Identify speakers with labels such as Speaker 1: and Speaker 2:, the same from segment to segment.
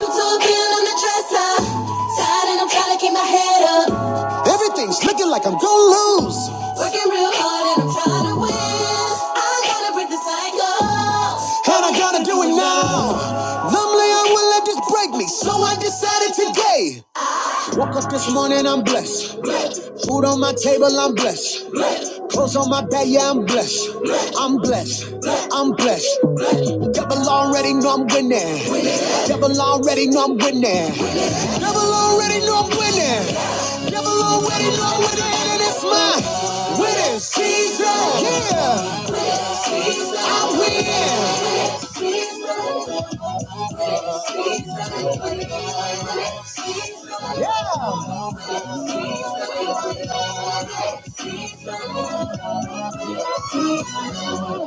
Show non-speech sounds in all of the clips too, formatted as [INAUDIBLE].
Speaker 1: Talking on the dresser, tired and I'm trying to keep my head up. Everything's looking like I'm gonna lose. Working real hard and I'm trying to win. I gotta break the cycle. I do it now. Numbly, I will let this break me, so I decided today. Woke up this morning, I'm blessed. Food on my table, I'm blessed. Clothes on my back, yeah, I'm blessed. I'm blessed. I'm blessed. Devil already know I'm winning. Devil already know I'm winning. Devil already know I'm winning. Devil already know I'm winning. And it's my winning season. Yeah, I am winning. Yeah.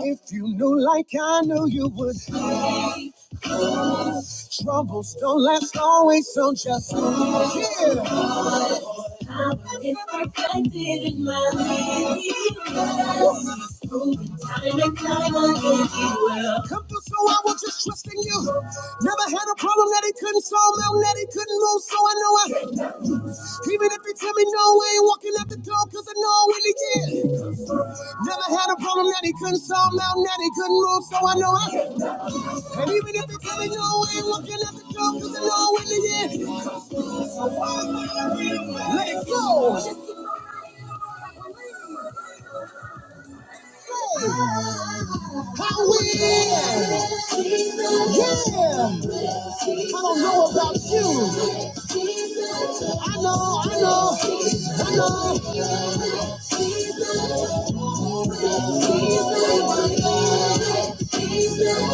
Speaker 1: If you knew like I knew you would, troubles don't last always, so just yeah. It's perfected in my life. Proven time and time again, you will. Come through, so I was just trusting you. Never had a problem that he couldn't solve, no, that he couldn't move, so I know I. Even if he tell me no, I ain't walking out the door, cause I know when he did. Never had a problem that he couldn't solve, now that he couldn't move, so I know I. And even if he tell me no, I ain't walking out the door, cause I know when he did. So why let it go? I will. Yeah. I don't know about you. I know, I know, I know. He's the He's the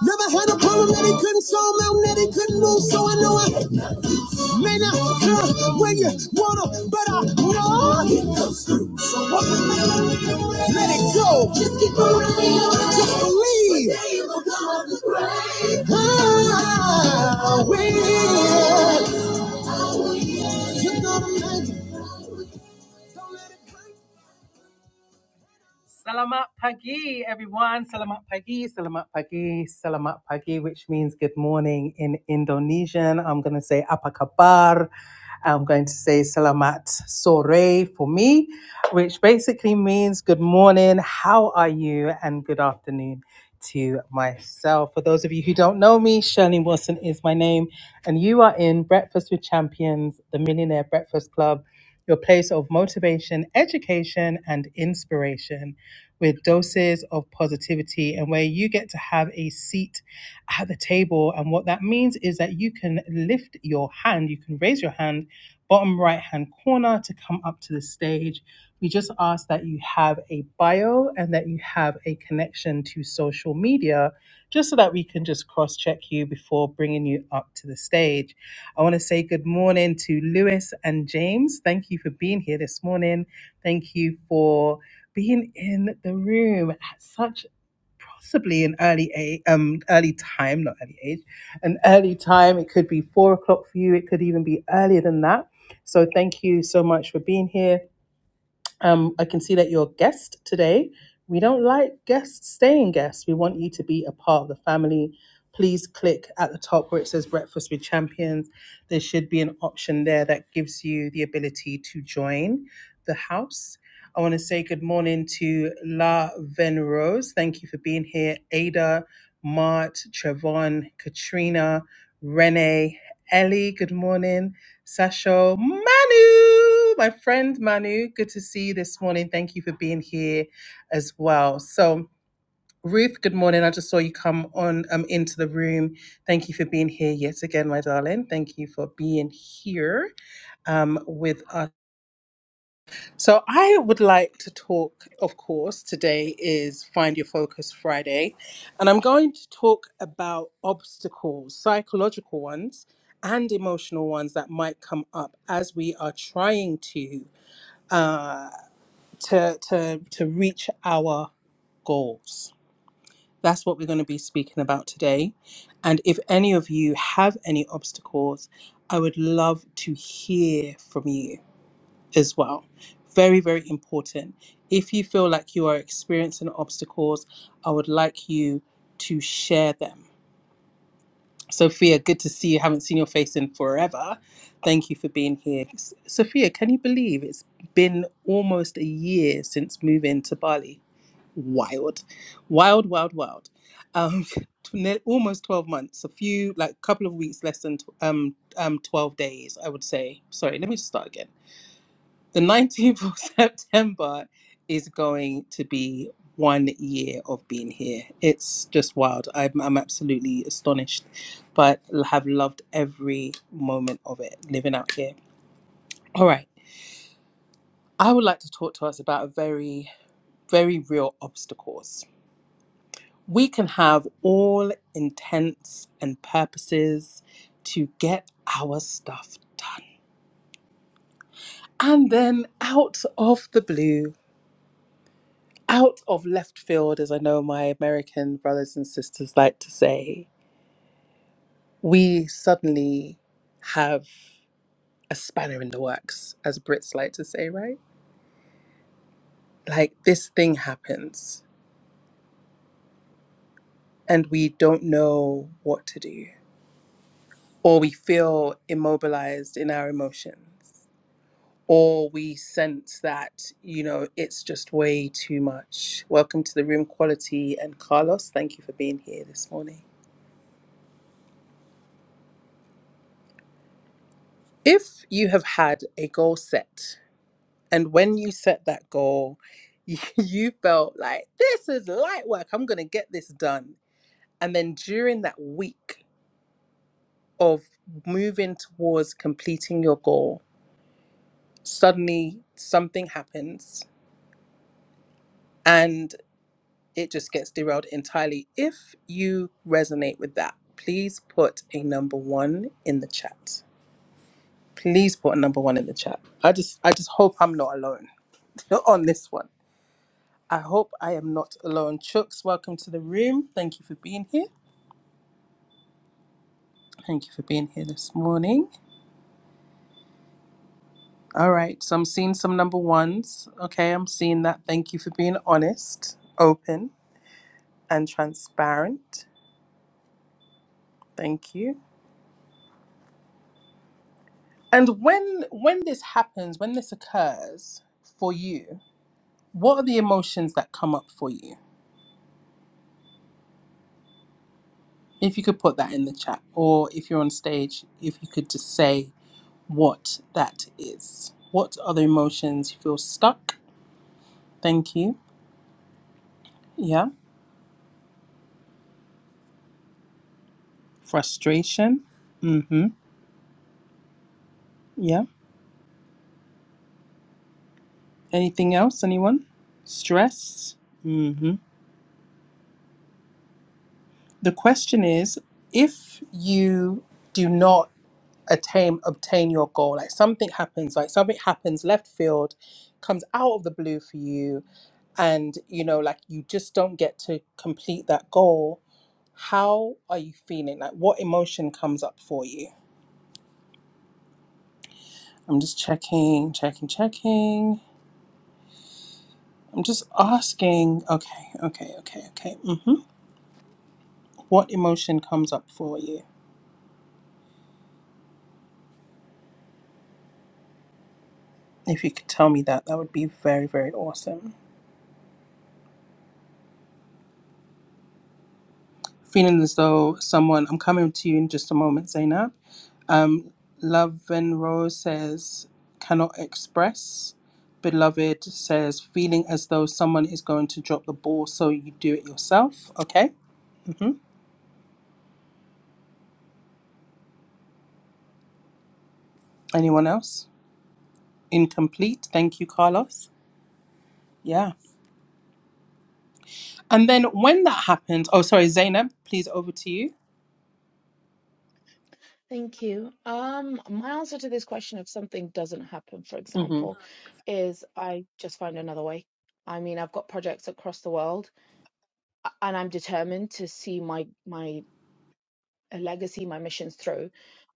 Speaker 1: Never had a problem that he couldn't solve, mountain that he couldn't move. So I know I may not come when you want to, but I know he comes through. So walk we need, let it go. Just keep moving. Just believe. Today will come the grave. I will. You're gonna make it. Don't let it break
Speaker 2: Thank you. Um, my answer to this question, if something doesn't happen, for example, is I just find another way. I mean, I've got projects across the world, a- and I'm determined to see my my uh, legacy, my missions through.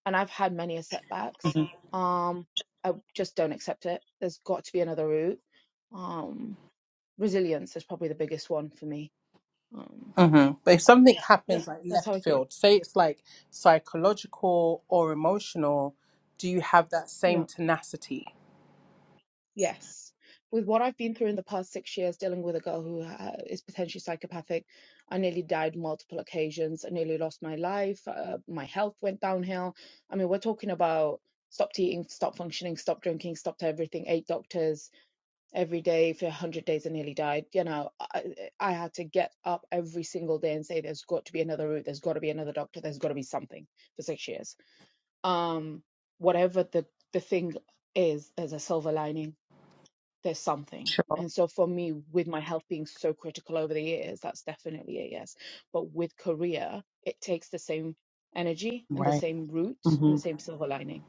Speaker 2: And I've had many a setbacks. Um, I just don't accept it. There's got to be another route. Um, resilience is probably the biggest one for me. Um, yeah, that's how I see it. Yeah. Yes. With what I've been through in the past six years dealing with a girl who uh, is potentially psychopathic, I nearly died multiple occasions. I nearly lost my life. Uh, my health went downhill. I mean, we're talking about stopped eating, stopped functioning, stopped drinking, stopped everything, eight doctors every day for 100 days I nearly died. You know, I, I had to get up every single day and say, there's got to be another route. There's got to be another doctor. There's got to be something for six years. Um, whatever the, the thing is, there's a silver lining there's something. And so for me, with my health being so critical over the years, that's definitely a yes. But with career, it takes the same energy and the same route and the same silver lining.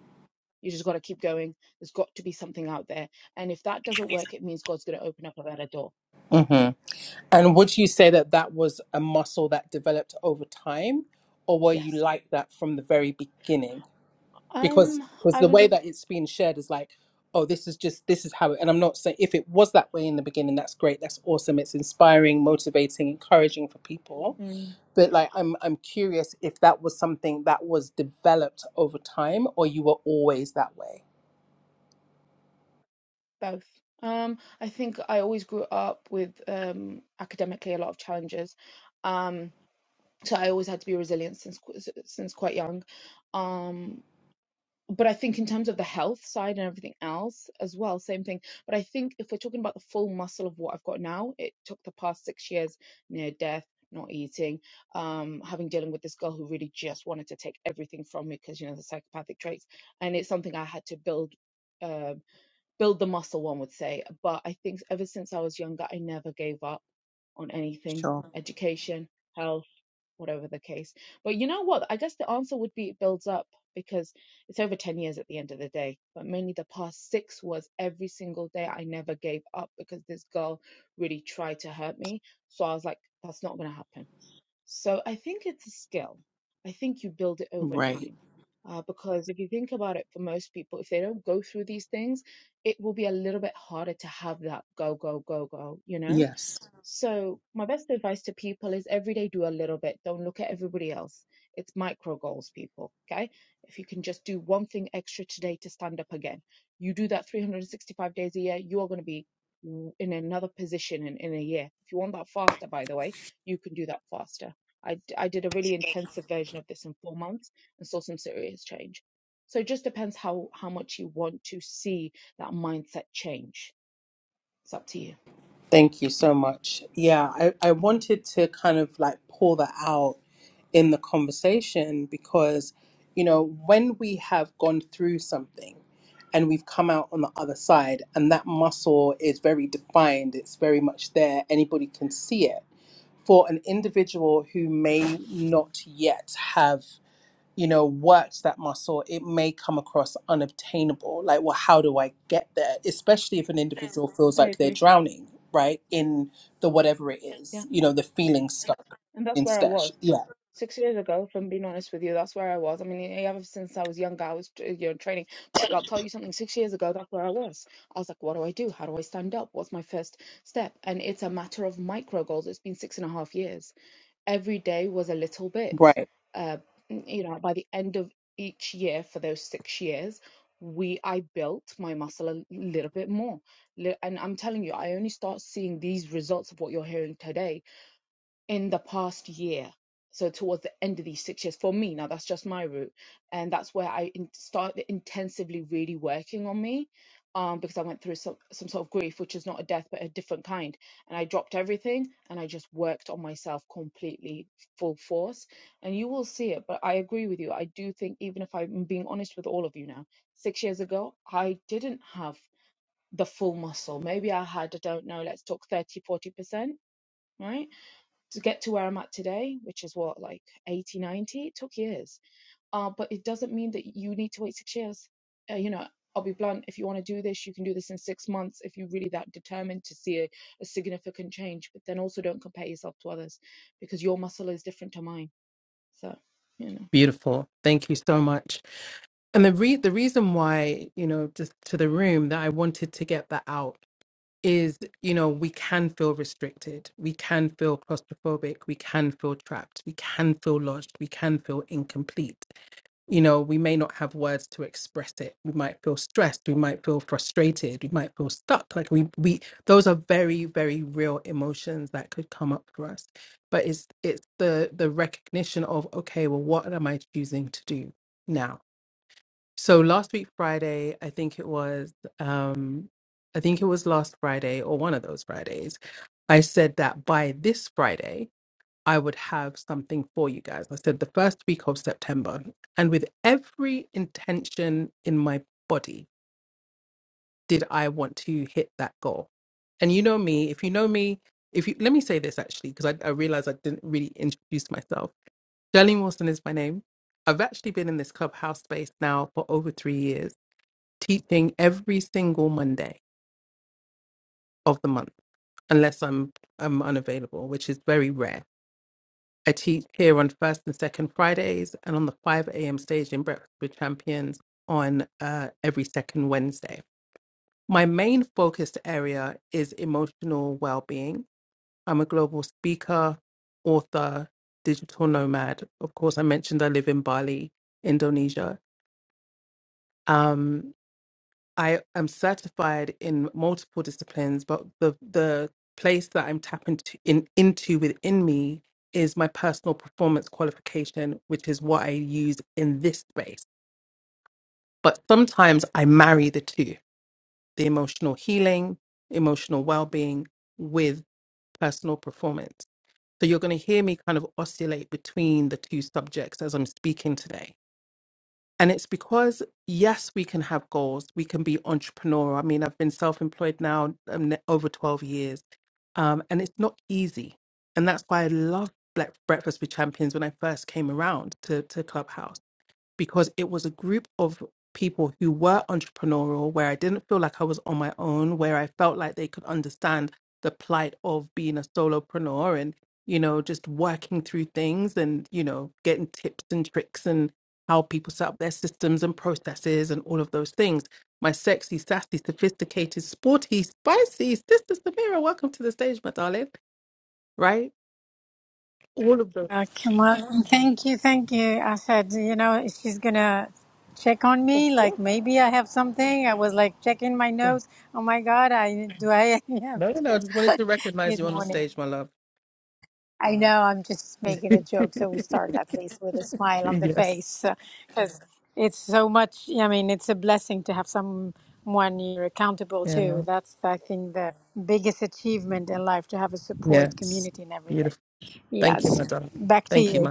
Speaker 2: You just got to keep going. There's got to be something out there. And if that doesn't work, it means God's going to open up a better door. Yes. Um, I was Mm, both. Um, I think I always grew up with um, academically a lot of challenges. Um, so I always had to be resilient since qu- s- since quite young. Um, but I think in terms of the health side and everything else as well, same thing. But I think if we're talking about the full muscle of what I've got now, it took the past six years near death, not eating, um, having dealing with this girl who really just wanted to take everything from me because you know the psychopathic traits, and it's something I had to build. Uh, build the muscle, one would say. But I think ever since I was younger, I never gave up on anything education, health whatever the case. But you know what? I guess the answer would be it builds up because it's over 10 years at the end of the day. But mainly the past six was every single day I never gave up because this girl really tried to hurt me. So I was like, that's not going to happen. So I think it's a skill. I think you build it over time. Uh, because if you think about it, for most people, if they don't go through these things, it will be a little bit harder to have that go, go, go, go, you know? So, my best advice to people is every day do a little bit. Don't look at everybody else. It's micro goals, people. Okay. If you can just do one thing extra today to stand up again, you do that 365 days a year, you are going to be w- in another position in, in a year. If you want that faster, by the way, you can do that faster. I, d- I did a really intensive version of this in four months and saw some serious change. So, it just depends how, how much you want to see that mindset change. It's up to you. I agree. And that's where I was. six years ago, if I'm being honest with you, that's where I was. I mean, e- ever since I was younger, I was uh, you know training. But I'll tell you something. Six years ago, that's where I was. I was like, what do I do? How do I stand up? What's my first step? And it's a matter of micro goals. It's been six and a half years. Every day was a little bit. Uh, n- you know, by the end of each year for those six years. We, I built my muscle a little bit more, Li- and I'm telling you, I only start seeing these results of what you're hearing today in the past year. So towards the end of these six years, for me, now that's just my route. And that's where I in, started intensively really working on me um, because I went through some, some sort of grief, which is not a death, but a different kind. And I dropped everything and I just worked on myself completely full force. And you will see it. But I agree with you. I do think, even if I'm being honest with all of you now, six years ago, I didn't have the full muscle. Maybe I had, I don't know, let's talk thirty, forty percent right? to get to where I'm at today, which is what, like 80, 90, it took years. Uh, but it doesn't mean that you need to wait six years. Uh, you know, I'll be blunt. If you want to do this, you can do this in six months if you're really that determined to see a, a significant change. But then also don't compare yourself to others because your muscle is different to mine. So, you know.
Speaker 3: Uh, Kamal, thank you, thank you. I said, you know, she's gonna check on me. Like maybe I have something. I was like checking my notes. Oh my God, I do. I [LAUGHS] have. Good morning. I know I'm just making a joke, so we start at least with a smile on the face, because it's so much. yeah, I mean, it's a blessing to have someone you're accountable to. That's I think the biggest achievement in life to have a support community and everything. Yes, back to you.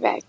Speaker 3: Back.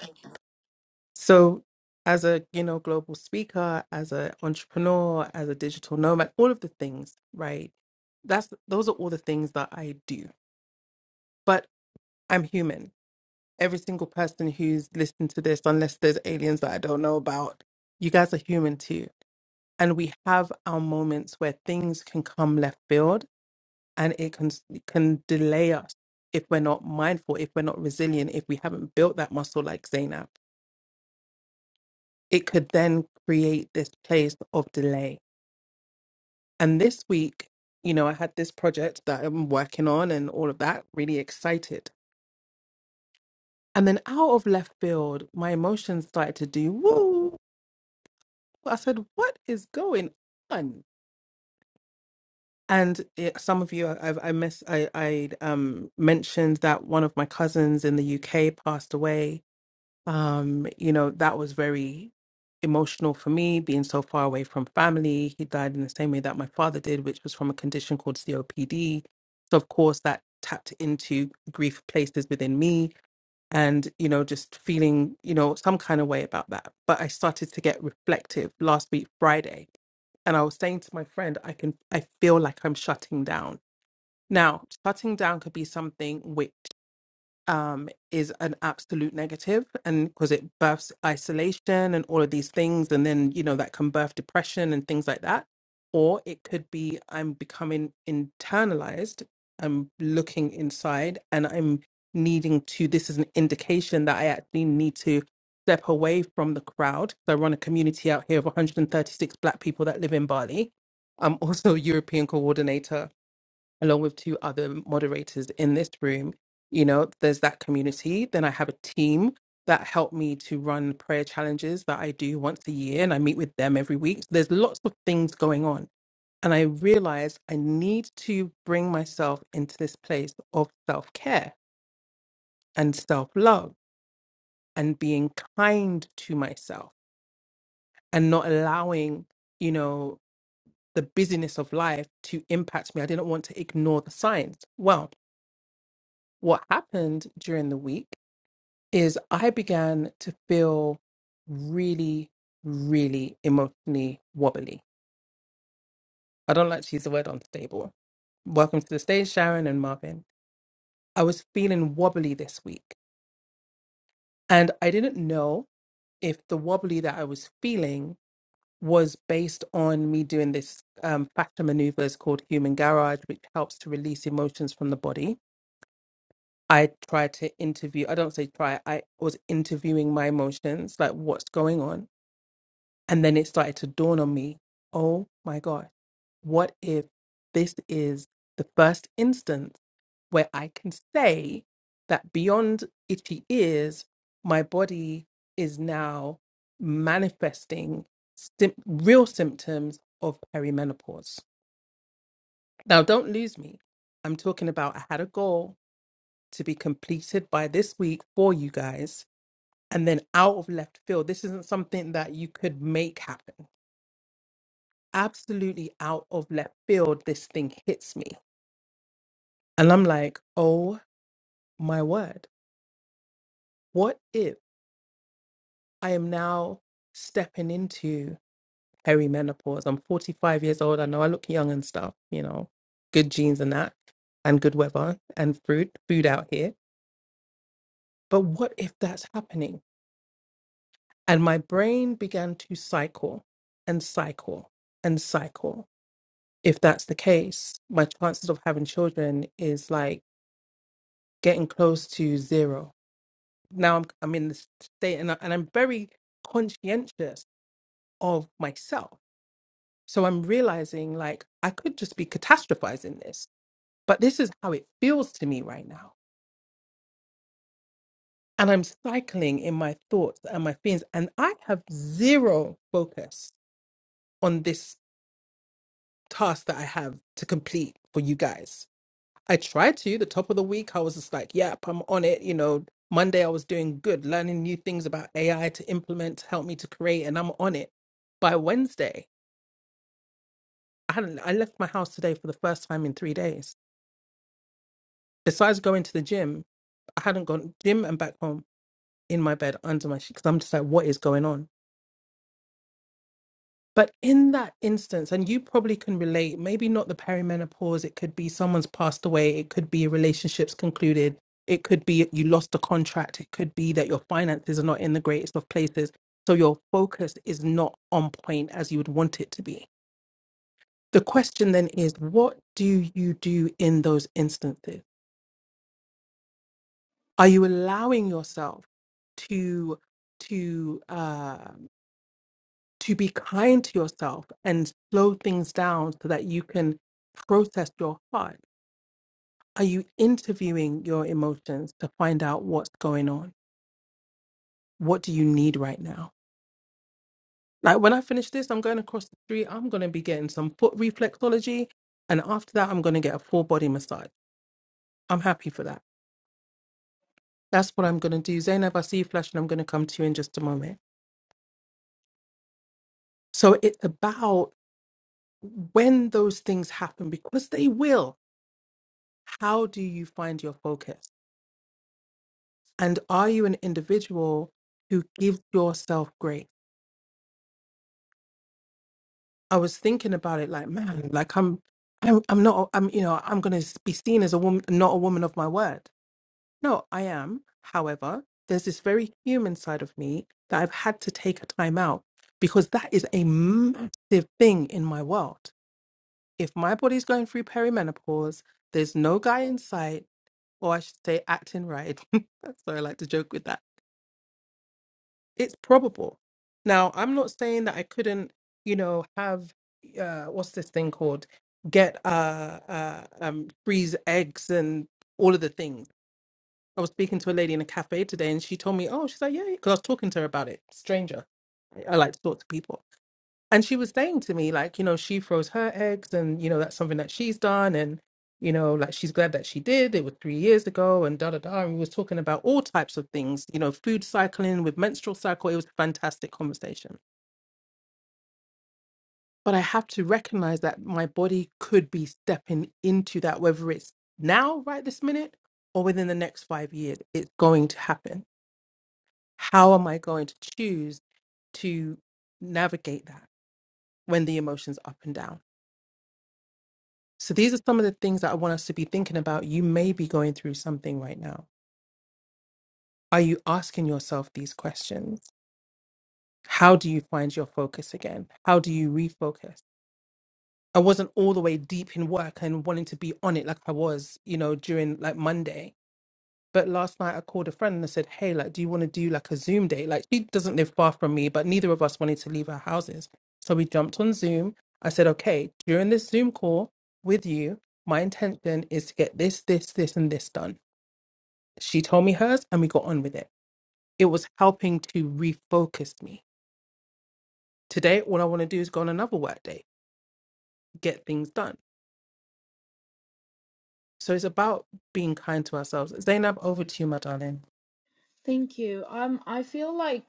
Speaker 2: Thank you. Um, I feel like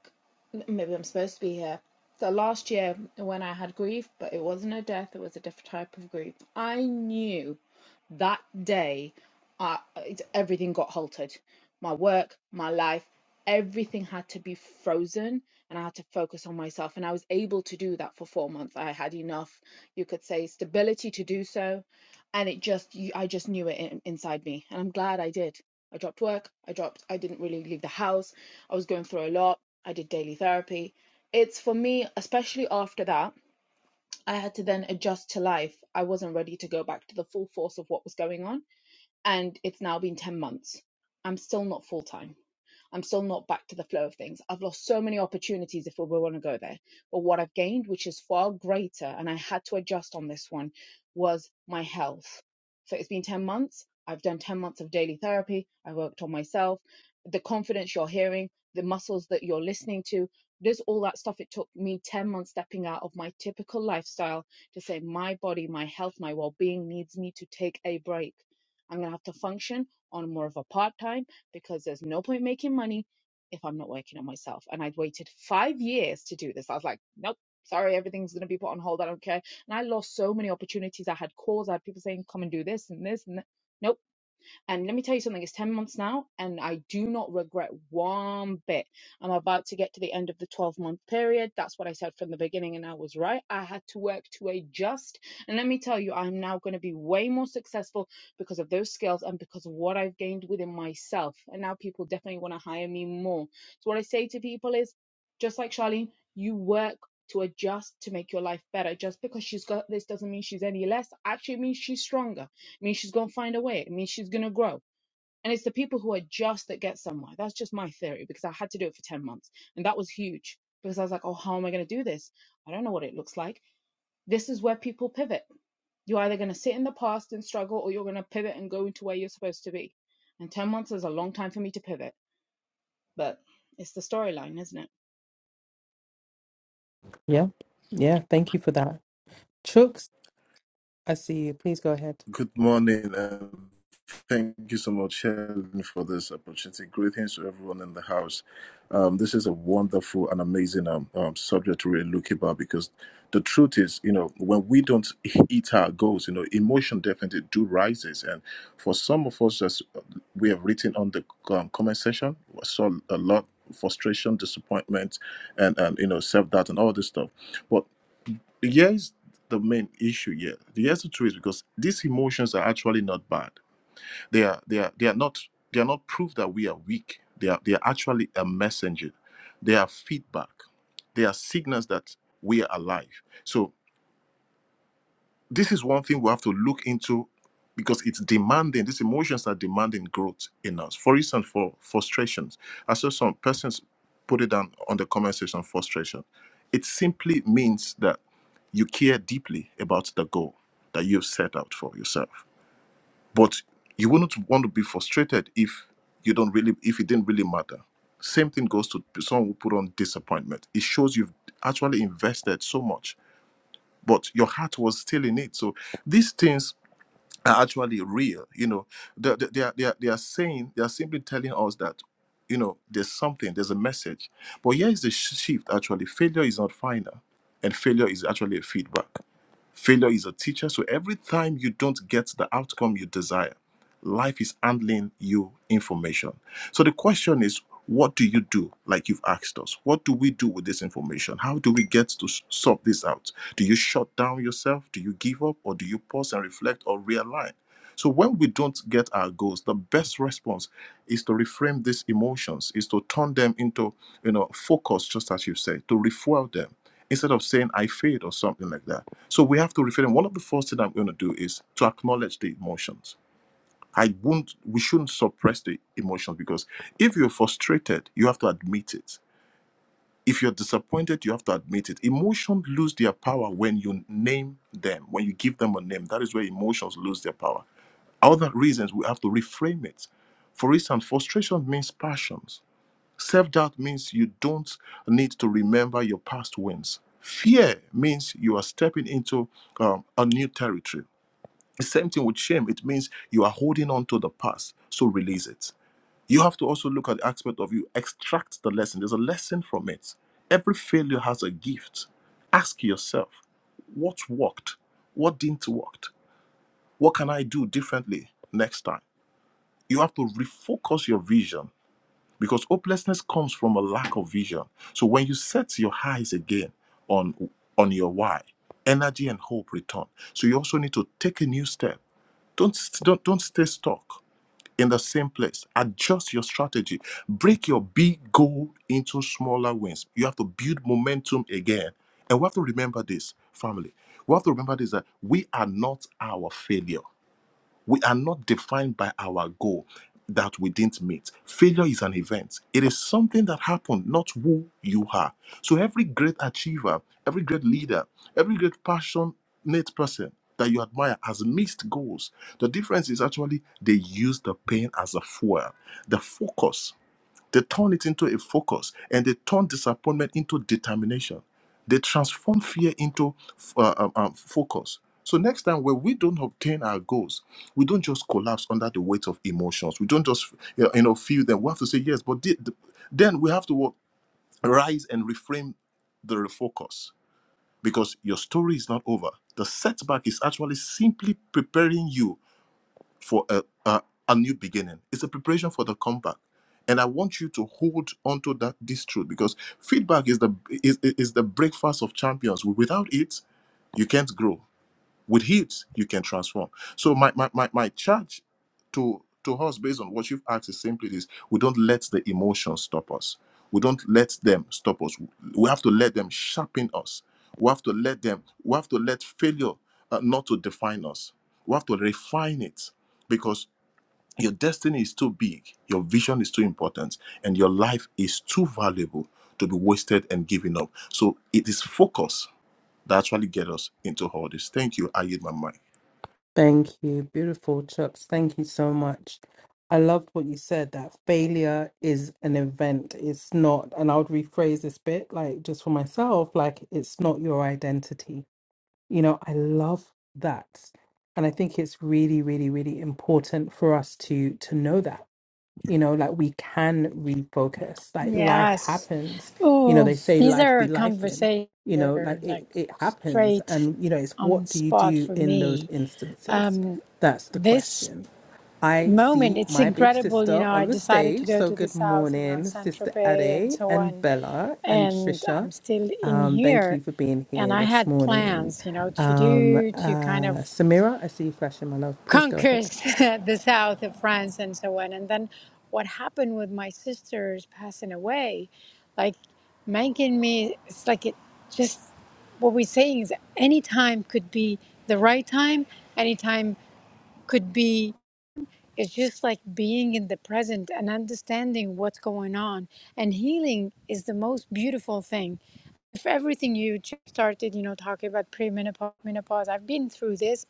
Speaker 2: maybe I'm supposed to be here. So last year when I had grief, but it wasn't a death, it was a different type of grief. I knew That day, I, it, everything got halted. My work, my life, everything had to be frozen, and I had to focus on myself. And I was able to do that for four months. I had enough, you could say, stability to do so. And it just, you- I just knew it in, inside me. And I'm glad I did. I dropped work. I dropped, I didn't really leave the house. I was going through a lot. I did daily therapy. It's for me, especially after that, I had to then adjust to life. I wasn't ready to go back to the full force of what was going on and it's now been 10 months. I'm still not full time. I'm still not back to the flow of things. I've lost so many opportunities if we want to go there. But what I've gained, which is far greater, and I had to adjust on this one, was my health. So it's been 10 months. I've done 10 months of daily therapy. I worked on myself. The confidence you're hearing, the muscles that you're listening to, this all that stuff. It took me 10 months stepping out of my typical lifestyle to say, my body, my health, my well being needs me to take a break. I'm going to have to function on more of a part time because there's no point making money if I'm not working on myself. And I'd waited five years to do this. I was like, nope, sorry, everything's going to be put on hold. I don't care. And I lost so many opportunities. I had calls. I had people saying, come and do this and this and that. Nope. And let me tell you something, it's 10 months now, and I do not regret one bit. I'm about to get to the end of the 12 month period. That's what I said from the beginning, and I was right. I had to work to adjust. And let me tell you, I'm now going to be way more successful because of those skills and because of what I've gained within myself. And now people definitely want to hire me more. So, what I say to people is just like Charlene, you work to adjust to make your life better. Just because she's got this doesn't mean she's any less. Actually, it means she's stronger it means she's going to find a way. It means she's going to grow. And it's the people who are just that get somewhere. That's just my theory because I had to do it for 10 months. And that was huge because I was like, oh, how am I going to do this? I don't know what it looks like. This is where people pivot. You're either going to sit in the past and struggle or you're going to pivot and go into where you're supposed to be. And 10 months is a long time for me to pivot, but it's the storyline, isn't it?
Speaker 4: Good morning, and thank you so much, Helen, for this opportunity. Greetings to everyone in the house. Um, this is a wonderful and amazing um, um, subject to really look about because the truth is, you know, when we don't [LAUGHS] hit our goals, you know, emotion definitely do rises. And for some of us, as we have written on the um, comment section, I saw a lot frustration, disappointment, and, and you know, self doubt and all this stuff. But here's the main issue here here's the truth because these emotions are actually not bad they are they are they are not they are not proof that we are weak they are they are actually a messenger they are feedback they are signals that we are alive so this is one thing we have to look into because it's demanding these emotions are demanding growth in us for instance for frustrations i saw some persons put it down on the comment section frustration it simply means that you care deeply about the goal that you've set out for yourself but you wouldn't want to be frustrated if you don't really if it didn't really matter same thing goes to someone who put on disappointment it shows you've actually invested so much but your heart was still in it. So these things are actually real. You know, they, they, they, are, they, are, they are saying, they are simply telling us that, you know, there's something, there's a message. But here is the sh- shift actually failure is not final, and failure is actually a feedback. Failure is a teacher, so every time you don't get the outcome you desire, life is handling you information. So the question is, what do you do? Like you've asked us, what do we do with this information? How do we get to s- sort this out? Do you shut down yourself? Do you give up? Or do you pause and reflect or realign? So when we don't get our goals, the best response is to reframe these emotions, is to turn them into, you know, focus, just as you say, to refuel them instead of saying I failed or something like that. So we have to reframe. One of the first things I'm going to do is to acknowledge the emotions. I won't. We shouldn't suppress the emotions because if you're frustrated, you have to admit it. If you're disappointed, you have to admit it. Emotions lose their power when you name them, when you give them a name. That is where emotions lose their power other reasons we have to reframe it. For instance, frustration means passions. Self doubt means you don't need to remember your past wins. Fear means you are stepping into um, a new territory. The same thing with shame. It means you are holding on to the past, so release it. You have to also look at the aspect of you extract the lesson. There's a lesson from it. Every failure has a gift. Ask yourself, what worked? What didn't work? What can I do differently next time? You have to refocus your vision because hopelessness comes from a lack of vision. So when you set your eyes again on on your why, energy and hope return. So you also need to take a new step. Don't st- don't don't stay stuck in the same place. Adjust your strategy. Break your big goal into smaller wins. You have to build momentum again. And we have to remember this, family. We have to remember this that we are not our failure we are not defined by our goal that we didn't meet. Failure is an event, it is something that happened, not who you are. So, every great achiever, every great leader, every great passionate person that you admire has missed goals. The difference is actually they use the pain as a fuel. The focus they turn it into a focus and they turn disappointment into determination. They transform fear into uh, um, um, focus. So, next time when we don't obtain our goals, we don't just collapse under the weight of emotions. We don't just you know feel them. We have to say yes, but the- the- then we have to what, rise and reframe the refocus because your story is not over. The setback is actually simply preparing you for a, a, a new beginning. It's a preparation for the comeback. And I want you to hold onto that this truth because feedback is the is, is the breakfast of champions. Without it, you can't grow with heat you can transform so my my, my, my charge to to us based on what you've asked is simply this we don't let the emotions stop us we don't let them stop us we have to let them sharpen us we have to let them we have to let failure uh, not to define us we have to refine it because your destiny is too big your vision is too important and your life is too valuable to be wasted and given up so it is focus that actually get us into all this thank you i yield my mind
Speaker 3: Yes. Oh, these are conversations that are, like straight on spot for me. Um, this moment, it's incredible. You know, I decided to go to the south, you know, in Saint Tropez and so on, and I'm still in here. And I had plans, you know, to do to kind of conquers [LAUGHS] the south of France and so on. And then what happened with my sisters passing away, like making me, it's like it just, what we're saying is any time could be the right time, any time could be, it's just like being in the present and understanding what's going on. And healing is the most beautiful thing. If everything you just started, you know, talking about premenopause, menopause, I've been through this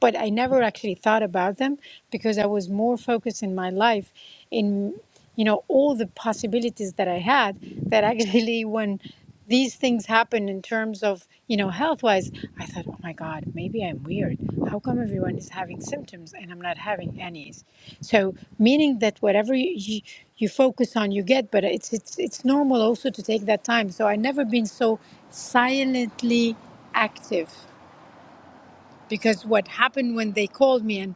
Speaker 3: but I never actually thought about them because I was more focused in my life in you know all the possibilities that I had that actually [LAUGHS] when these things happen in terms of you know health wise i thought oh my god maybe i'm weird how come everyone is having symptoms and i'm not having any so meaning that whatever you, you, you focus on you get but it's it's it's normal also to take that time so i never been so silently active because what happened when they called me and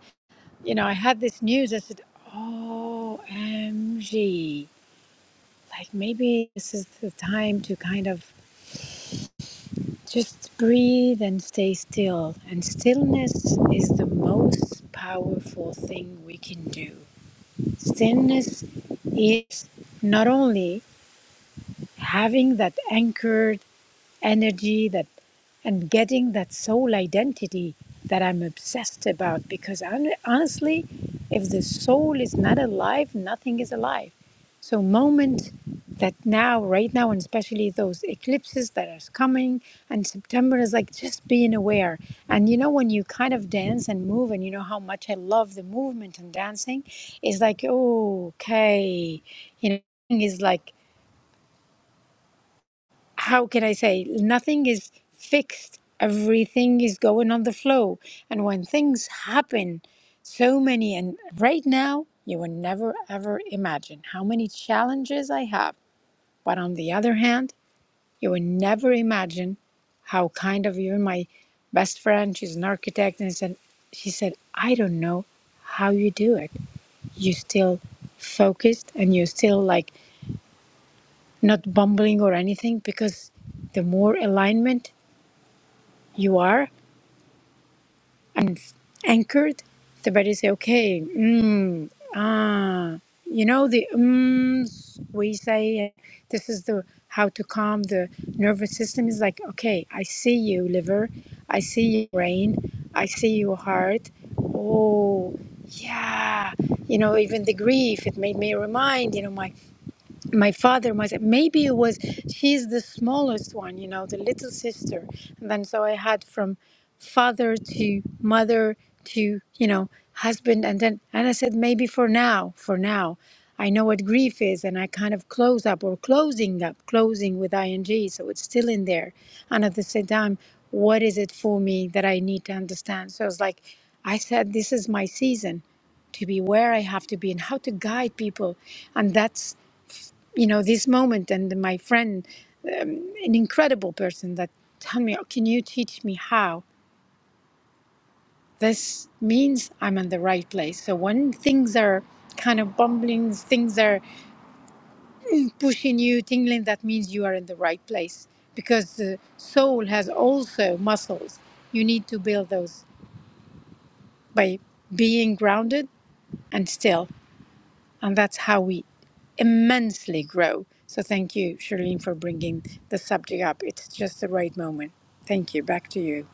Speaker 3: you know I had this news, I said, "Oh, MG, like maybe this is the time to kind of just breathe and stay still." And stillness is the most powerful thing we can do. Stillness is not only having that anchored energy, that." and getting that soul identity that I'm obsessed about. Because hon- honestly, if the soul is not alive, nothing is alive. So, moment that now, right now, and especially those eclipses that are coming, and September is like just being aware. And you know, when you kind of dance and move, and you know how much I love the movement and dancing, it's like, "Oh, okay, you know, is like how can I say, nothing is fixed. Everything is going on the flow. And when things happen, so many, and right now, you will never ever imagine how many challenges I have. But on the other hand, you will never imagine how kind of you, my best friend, she's an architect, and said, she said, I don't know how you do it. You still focused and you're still like not bumbling or anything because the more alignment you are and anchored, the body say, okay, mm, ah, you know the ums we say this is the how to calm the nervous system is like okay, I see you liver, I see you brain, I see you heart. Oh yeah, you know even the grief it made me remind you know my my father was maybe it was she's the smallest one you know the little sister and then so i had from father to mother to you know husband and then and i said maybe for now for now i know what grief is and i kind of close up or closing up closing with ing so it's still in there and at the same time what is it for me that i need to understand so it's like i said this is my season to be where I have to be and how to guide people. And that's you know this moment and my friend um, an incredible person that tell me "Oh, can you teach me how this means i'm in the right place so when things are kind of bumbling things are pushing you tingling that means you are in the right place because the soul has also muscles you need to build those by being grounded and still And that's how we immensely grow. So thank you, Charlene, for bringing the subject up. It's just the right moment. Thank you. Back to you.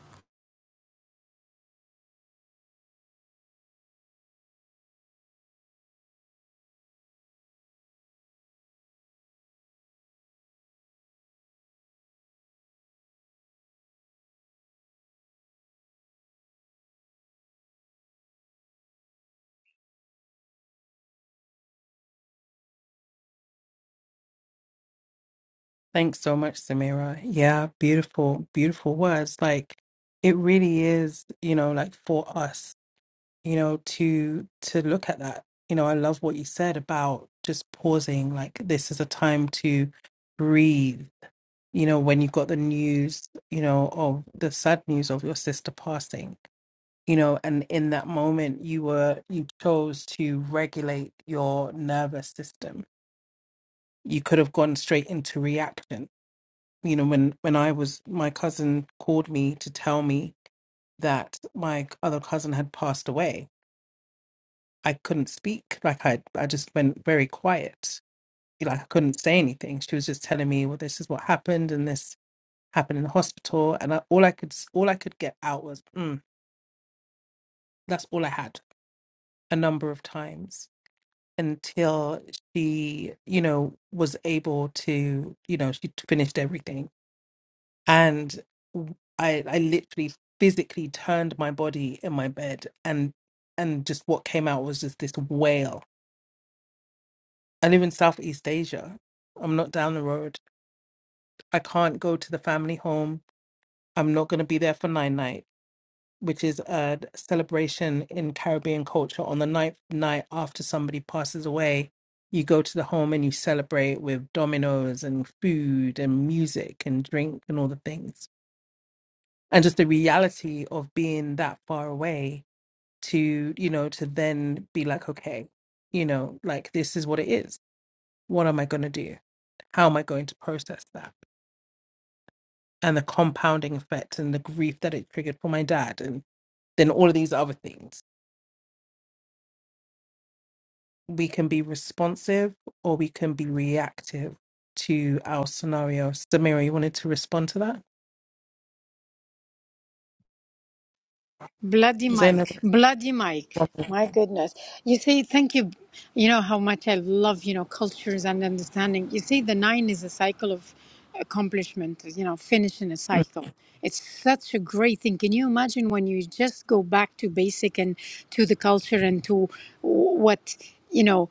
Speaker 3: Bloody Mike. Bloody Mike. My goodness. You see, thank you. You know how much I love, you know, cultures and understanding. You see, the nine is a cycle of accomplishment, you know, finishing a cycle. It's such a great thing. Can you imagine when you just go back to basic and to the culture and to what, you know,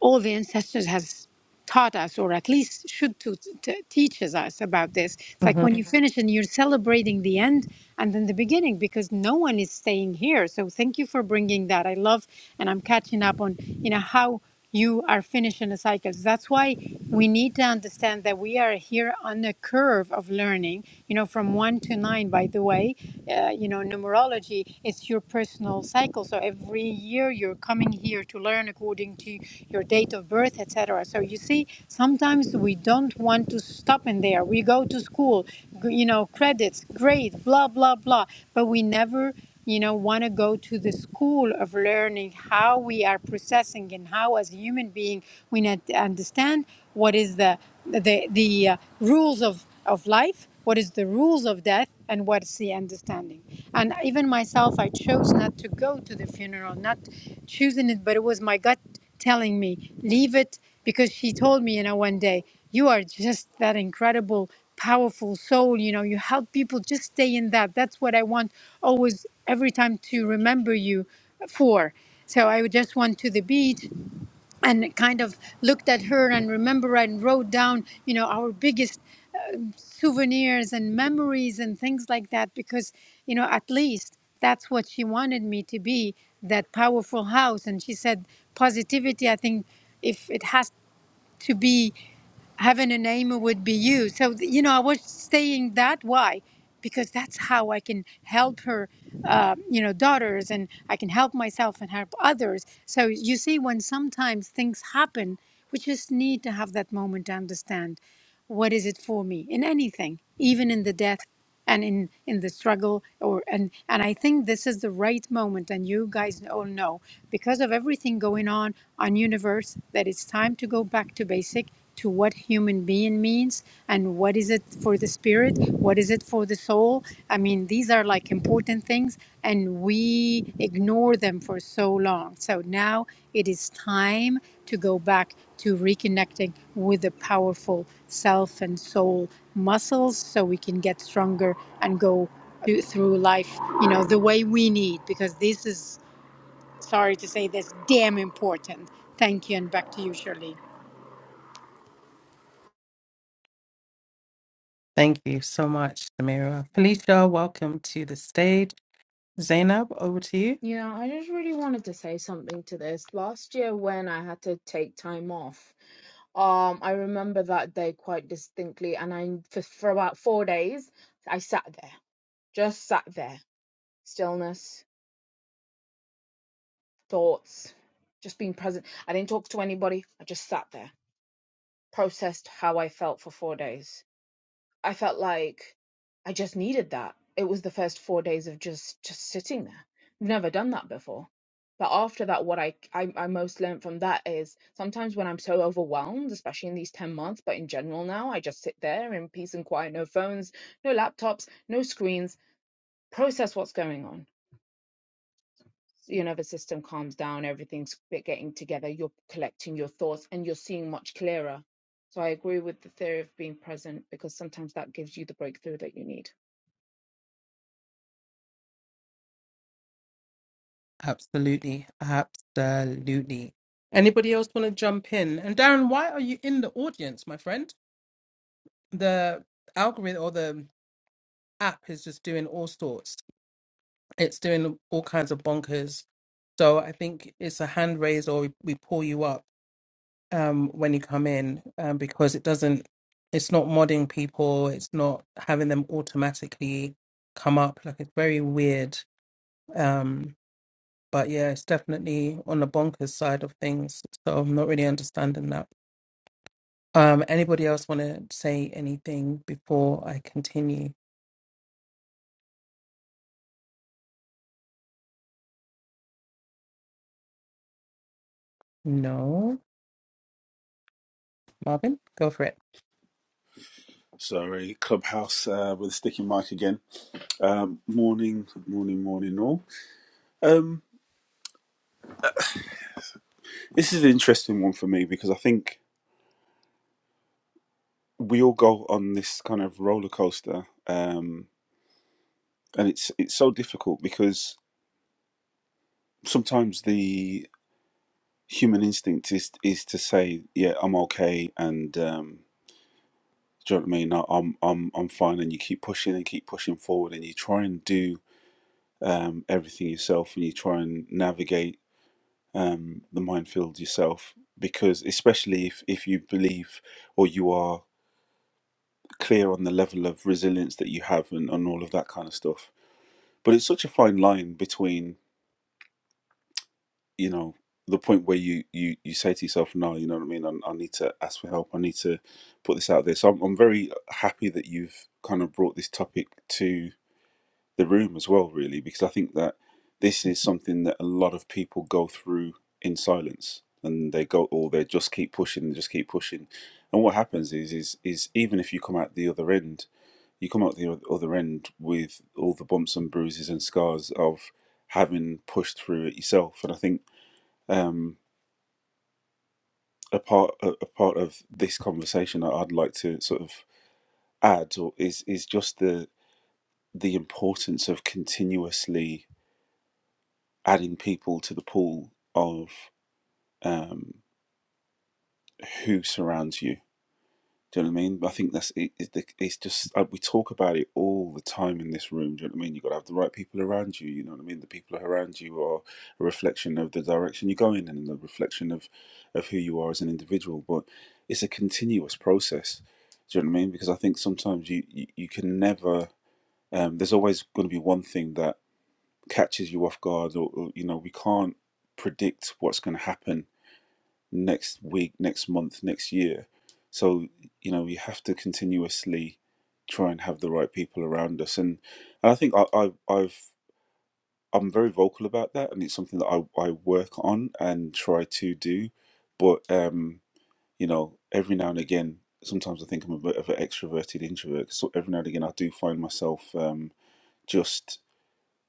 Speaker 3: all the ancestors has taught us or at least should to, to teaches us about this it's like when you Mhm. finish and you're celebrating the end and then the beginning because no one is staying here so thank you for bringing that i love and i'm catching up on you know how you are finishing the cycles that's why we need to understand that we are here on the curve of learning you know from one to nine by the way uh, you know numerology energy. It's your personal cycle. So every year you're coming here to learn according to your date of birth, etc. So you see, sometimes we don't want to stop in there. We go to school, you know, credits, grades, blah blah blah, but we never you know want to go to the school of learning how we are processing and how as a human being we need to understand what is the the the uh, rules of of life what is the rules of death and what is the understanding and even myself i chose not to go to the funeral not choosing it but it was my gut telling me leave it because she told me you know one day you are just that incredible powerful soul you know you help people just stay in that that's what i want always every time to remember you for so I just went to the beach and kind of looked at her and remember and wrote down, you know, our biggest souvenirs and memories and things like that because you know at least that's what she wanted me to be that powerful house and she said positivity i think if it has to be having a name it would be you so you know i was saying that why because that's how i can help her uh, you know daughters and i can help myself and help others so you see when sometimes things happen we just need to have that moment to understand what is it for me in anything even in the death and in in the struggle or and and i think this is the right moment and you guys all know because of everything going on on universe that it's time to go back to basic to what human being means and what is it for the spirit what is it for the soul I mean, these are like important things, and we ignore them for so long. So now it is time to go back to reconnecting with the powerful self and soul muscles so we can get stronger and go to- through life, you know, the way we need, because this is, sorry to say this, damn important. Thank you, and back to you, Shirley.
Speaker 2: Yeah, I just really wanted to say something to this. Last year, when I had to take time off, Um, I remember that day quite distinctly, and I for, for about four days I sat there, just sat there, stillness, thoughts, just being present. I didn't talk to anybody. I just sat there, processed how I felt for four days. I felt like I just needed that. It was the first four days of just just sitting there. I've never done that before. But after that, what I, I I most learned from that is sometimes when I'm so overwhelmed, especially in these ten months, but in general now, I just sit there in peace and quiet, no phones, no laptops, no screens, process what's going on you know, the system calms down, everything's bit getting together, you're collecting your thoughts and you're seeing much clearer. So I agree with the theory of being present because sometimes that gives you the breakthrough that you need.
Speaker 5: Sorry, Clubhouse uh, with a sticky mic again. Um, morning, morning, morning, all. Um, this is an interesting one for me because I think we all go on this kind of roller coaster, um, and it's it's so difficult because sometimes the human instinct is is to say, "Yeah, I'm okay," and um, do you know what I mean? I- I'm I'm I'm fine, and you keep pushing and keep pushing forward, and you try and do um, everything yourself, and you try and navigate um, the minefield yourself because especially if, if you believe or you are clear on the level of resilience that you have and, and all of that kind of stuff but it's such a fine line between you know the point where you you you say to yourself no you know what i mean i, I need to ask for help i need to put this out there so i'm, I'm very happy that you've kind of brought this topic to the room as well, really, because I think that this is something that a lot of people go through in silence, and they go, or they just keep pushing and just keep pushing, and what happens is, is, is even if you come out the other end, you come out the oth- other end with all the bumps and bruises and scars of having pushed through it yourself, and I think um, a part, a, a part of this conversation that I'd like to sort of add or is is just the the importance of continuously adding people to the pool of um, who surrounds you. Do you know what I mean? I think that's it, it, like, it's just uh, we talk about it all the time in this room. Do you know what I mean? You've got to have the right people around you. You know what I mean? The people around you are a reflection of the direction you're going in and the reflection of, of who you are as an individual. But it's a continuous process. Do you know what I mean? Because I think sometimes you, you, you can never, um, there's always going to be one thing that catches you off guard, or, or you know, we can't predict what's going to happen next week, next month, next year. So, you know, you have to continuously try and have the right people around us. And, and I think I, I, I've, I'm very vocal about that. And it's something that I, I work on and try to do. But, um, you know, every now and again, sometimes I think I'm a bit of an extroverted introvert. So every now and again, I do find myself um, just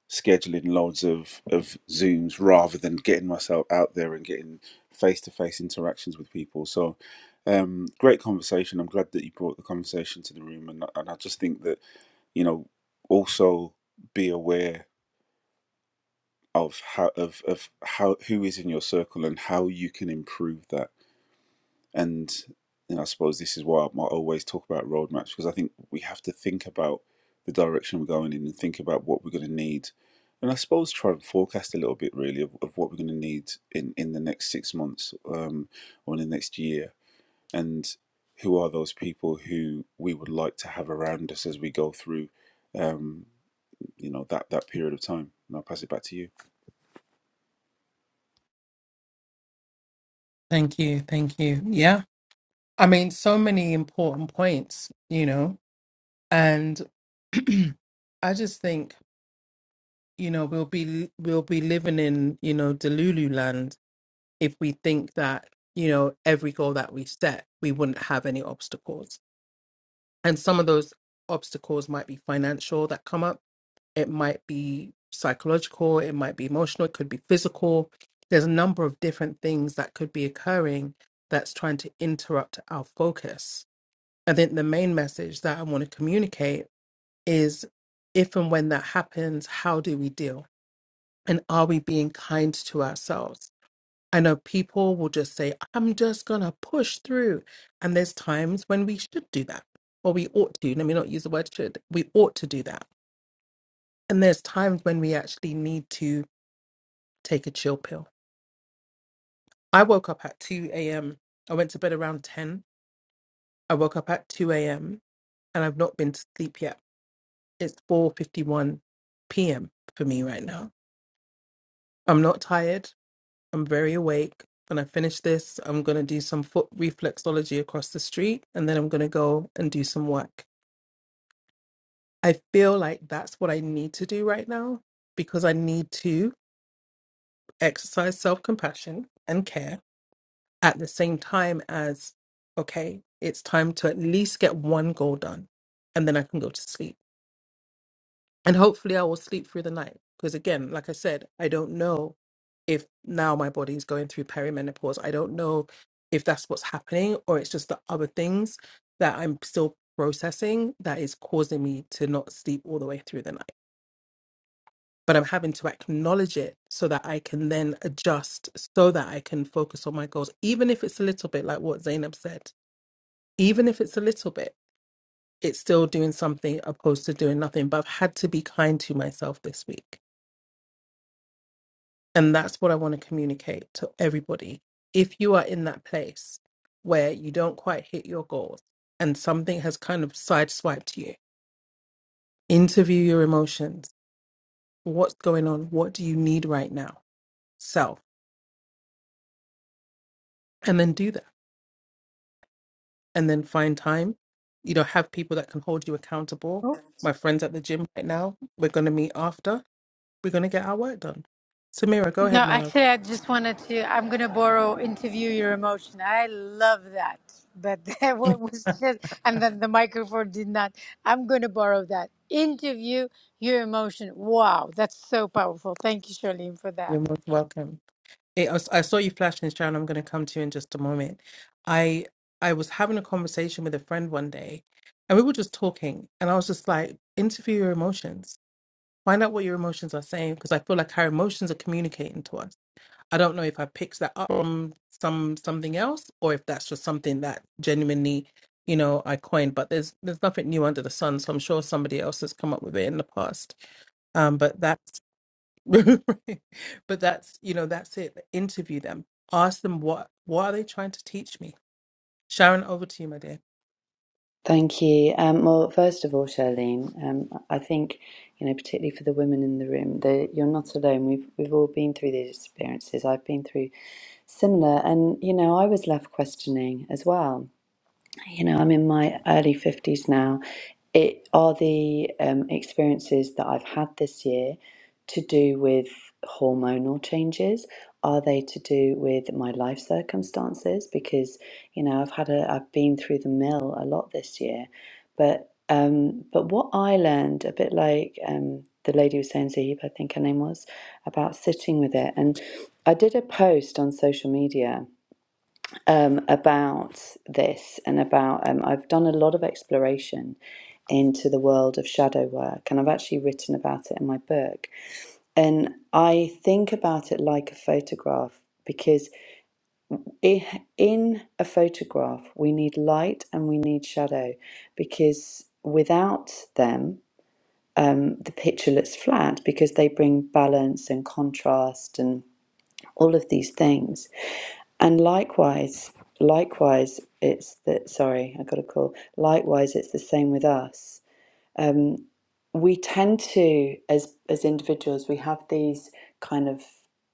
Speaker 5: scheduling loads of of zooms rather than getting myself out there and getting face to face interactions with people so um great conversation i'm glad that you brought the conversation to the room and, and i just think that you know also be aware of how of, of how who is in your circle and how you can improve that and you know, I suppose this is why I always talk about roadmaps because I think we have to think about the direction we're going in and think about what we're going to need. And I suppose try and forecast a little bit really of, of what we're going to need in, in the next six months um, or in the next year. And who are those people who we would like to have around us as we go through, um, you know, that, that period of time. And I'll pass it back to you.
Speaker 3: No, actually, I just wanted to. I'm going to borrow interview your emotion. I love that. But [LAUGHS] that one was just, and then the microphone did not. I'm going to borrow that. Interview your emotion. Wow, that's so powerful. Thank you, Charlene, for that.
Speaker 6: Thank you. Um, well, first of all, Charlene, um, I think you know, particularly for the women in the room, that you're not alone. We've we've all been through these experiences. I've been through similar, and you know, I was left questioning as well you know, I'm in my early 50s now. It are the um, experiences that I've had this year to do with hormonal changes? Are they to do with my life circumstances? Because, you know, I've had a, I've been through the mill a lot this year. But, um, but what I learned, a bit like um, the lady was saying, Zahib, I think her name was, about sitting with it. And I did a post on social media um, about this and about um, I've done a lot of exploration into the world of shadow work and I've actually written about it in my book and I think about it like a photograph because i- in a photograph we need light and we need shadow because without them um, the picture looks flat because they bring balance and contrast and all of these things and likewise, likewise, it's that, sorry, I got a call. Likewise, it's the same with us. We tend to, as, as individuals, we have these kind of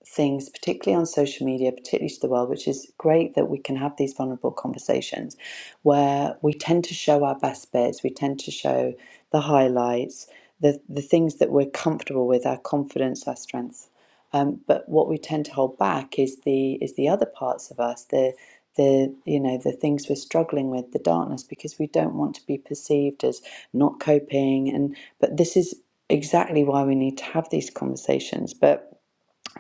Speaker 6: things, particularly on social media, particularly to the world, which is great that we can have these vulnerable conversations where we tend to show our best bits, we tend to show the highlights, the, the things that we're comfortable with, our confidence, our strength. Um, but what we tend to hold back is the is the other parts of us, the the you know the things we're struggling with the darkness because we don't want to be perceived as not coping and but this is exactly why we need to have these conversations but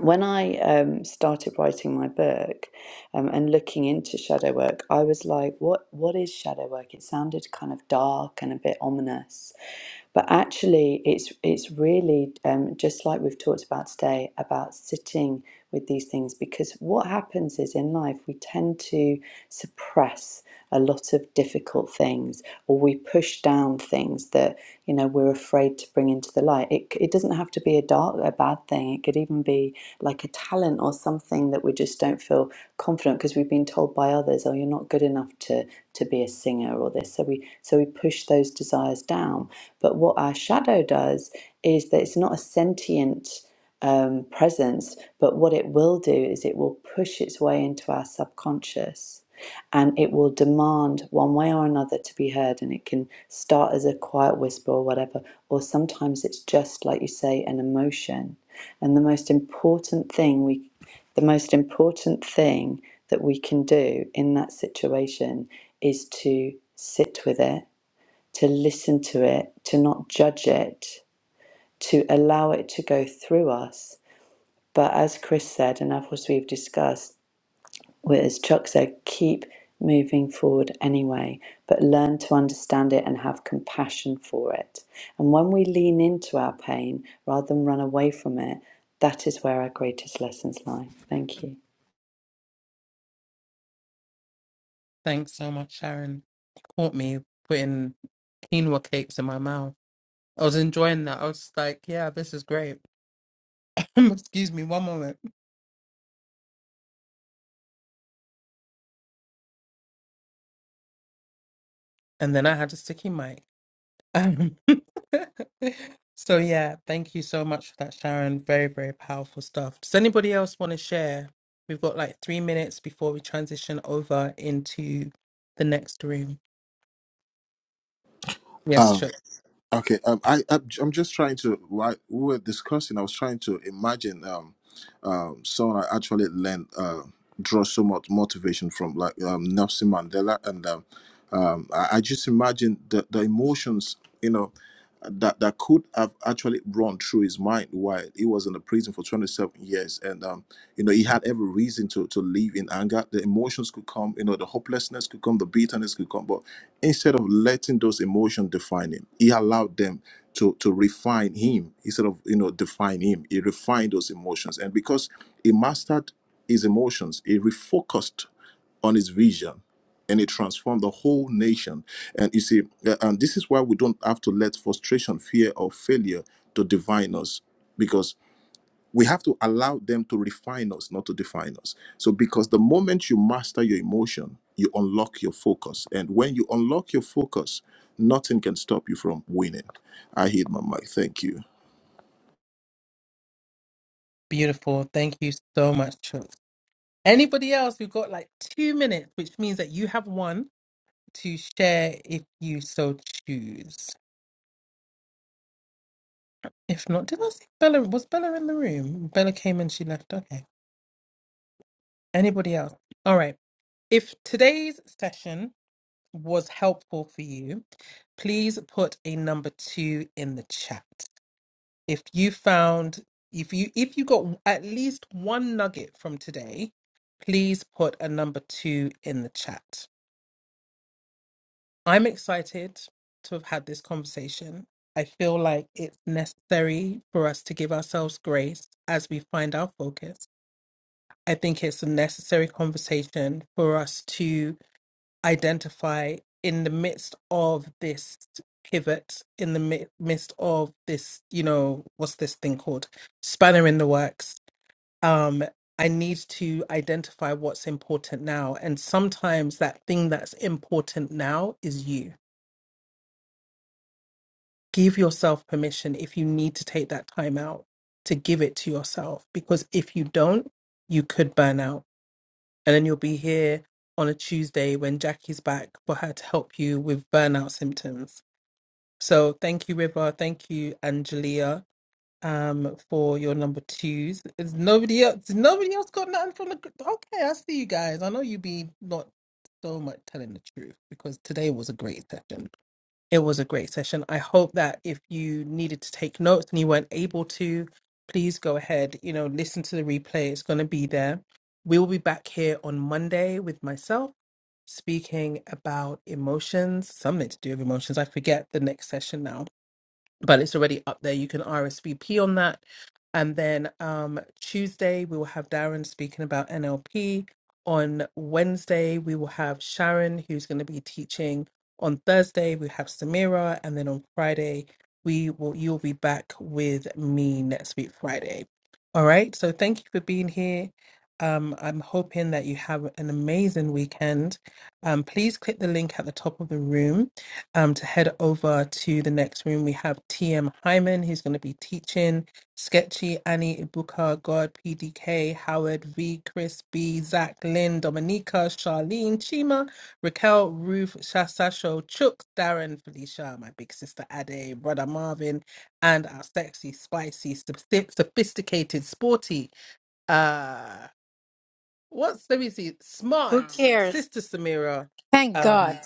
Speaker 6: when I um, started writing my book um, and looking into shadow work, I was like, "What? What is shadow work?" It sounded kind of dark and a bit ominous, but actually, it's it's really um, just like we've talked about today about sitting with these things because what happens is in life we tend to suppress a lot of difficult things or we push down things that you know we're afraid to bring into the light. It it doesn't have to be a dark a bad thing. It could even be like a talent or something that we just don't feel confident because we've been told by others, oh, you're not good enough to to be a singer or this. So we so we push those desires down. But what our shadow does is that it's not a sentient um, presence, but what it will do is it will push its way into our subconscious and it will demand one way or another to be heard and it can start as a quiet whisper or whatever or sometimes it's just like you say an emotion and the most important thing we the most important thing that we can do in that situation is to sit with it, to listen to it, to not judge it, to allow it to go through us. But as Chris said, and as we've discussed, Whereas Chuck said, keep moving forward anyway, but learn to understand it and have compassion for it. And when we lean into our pain rather than run away from it, that is where our greatest lessons lie. Thank you.
Speaker 4: Um, okay. Um, I I'm I'm just trying to. While we were discussing, I was trying to imagine. Um, um, someone I actually learned uh, draw so much motivation from, like um, Nelson Mandela, and um, um, I, I just imagine the the emotions, you know, that that could have actually run through his mind while he was in the prison for 27 years and um you know he had every reason to to live in anger the emotions could come you know the hopelessness could come the bitterness could come but instead of letting those emotions define him he allowed them to to refine him instead of you know define him he refined those emotions and because he mastered his emotions he refocused on his vision and it transformed the whole nation and you see uh, and this is why we don't have to let frustration fear or failure to define us because we have to allow them to refine us, not to define us. So, because the moment you master your emotion, you unlock your focus. And when you unlock your focus, nothing can stop you from winning. I hit my mic. Thank you.
Speaker 3: Who cares? Thank God.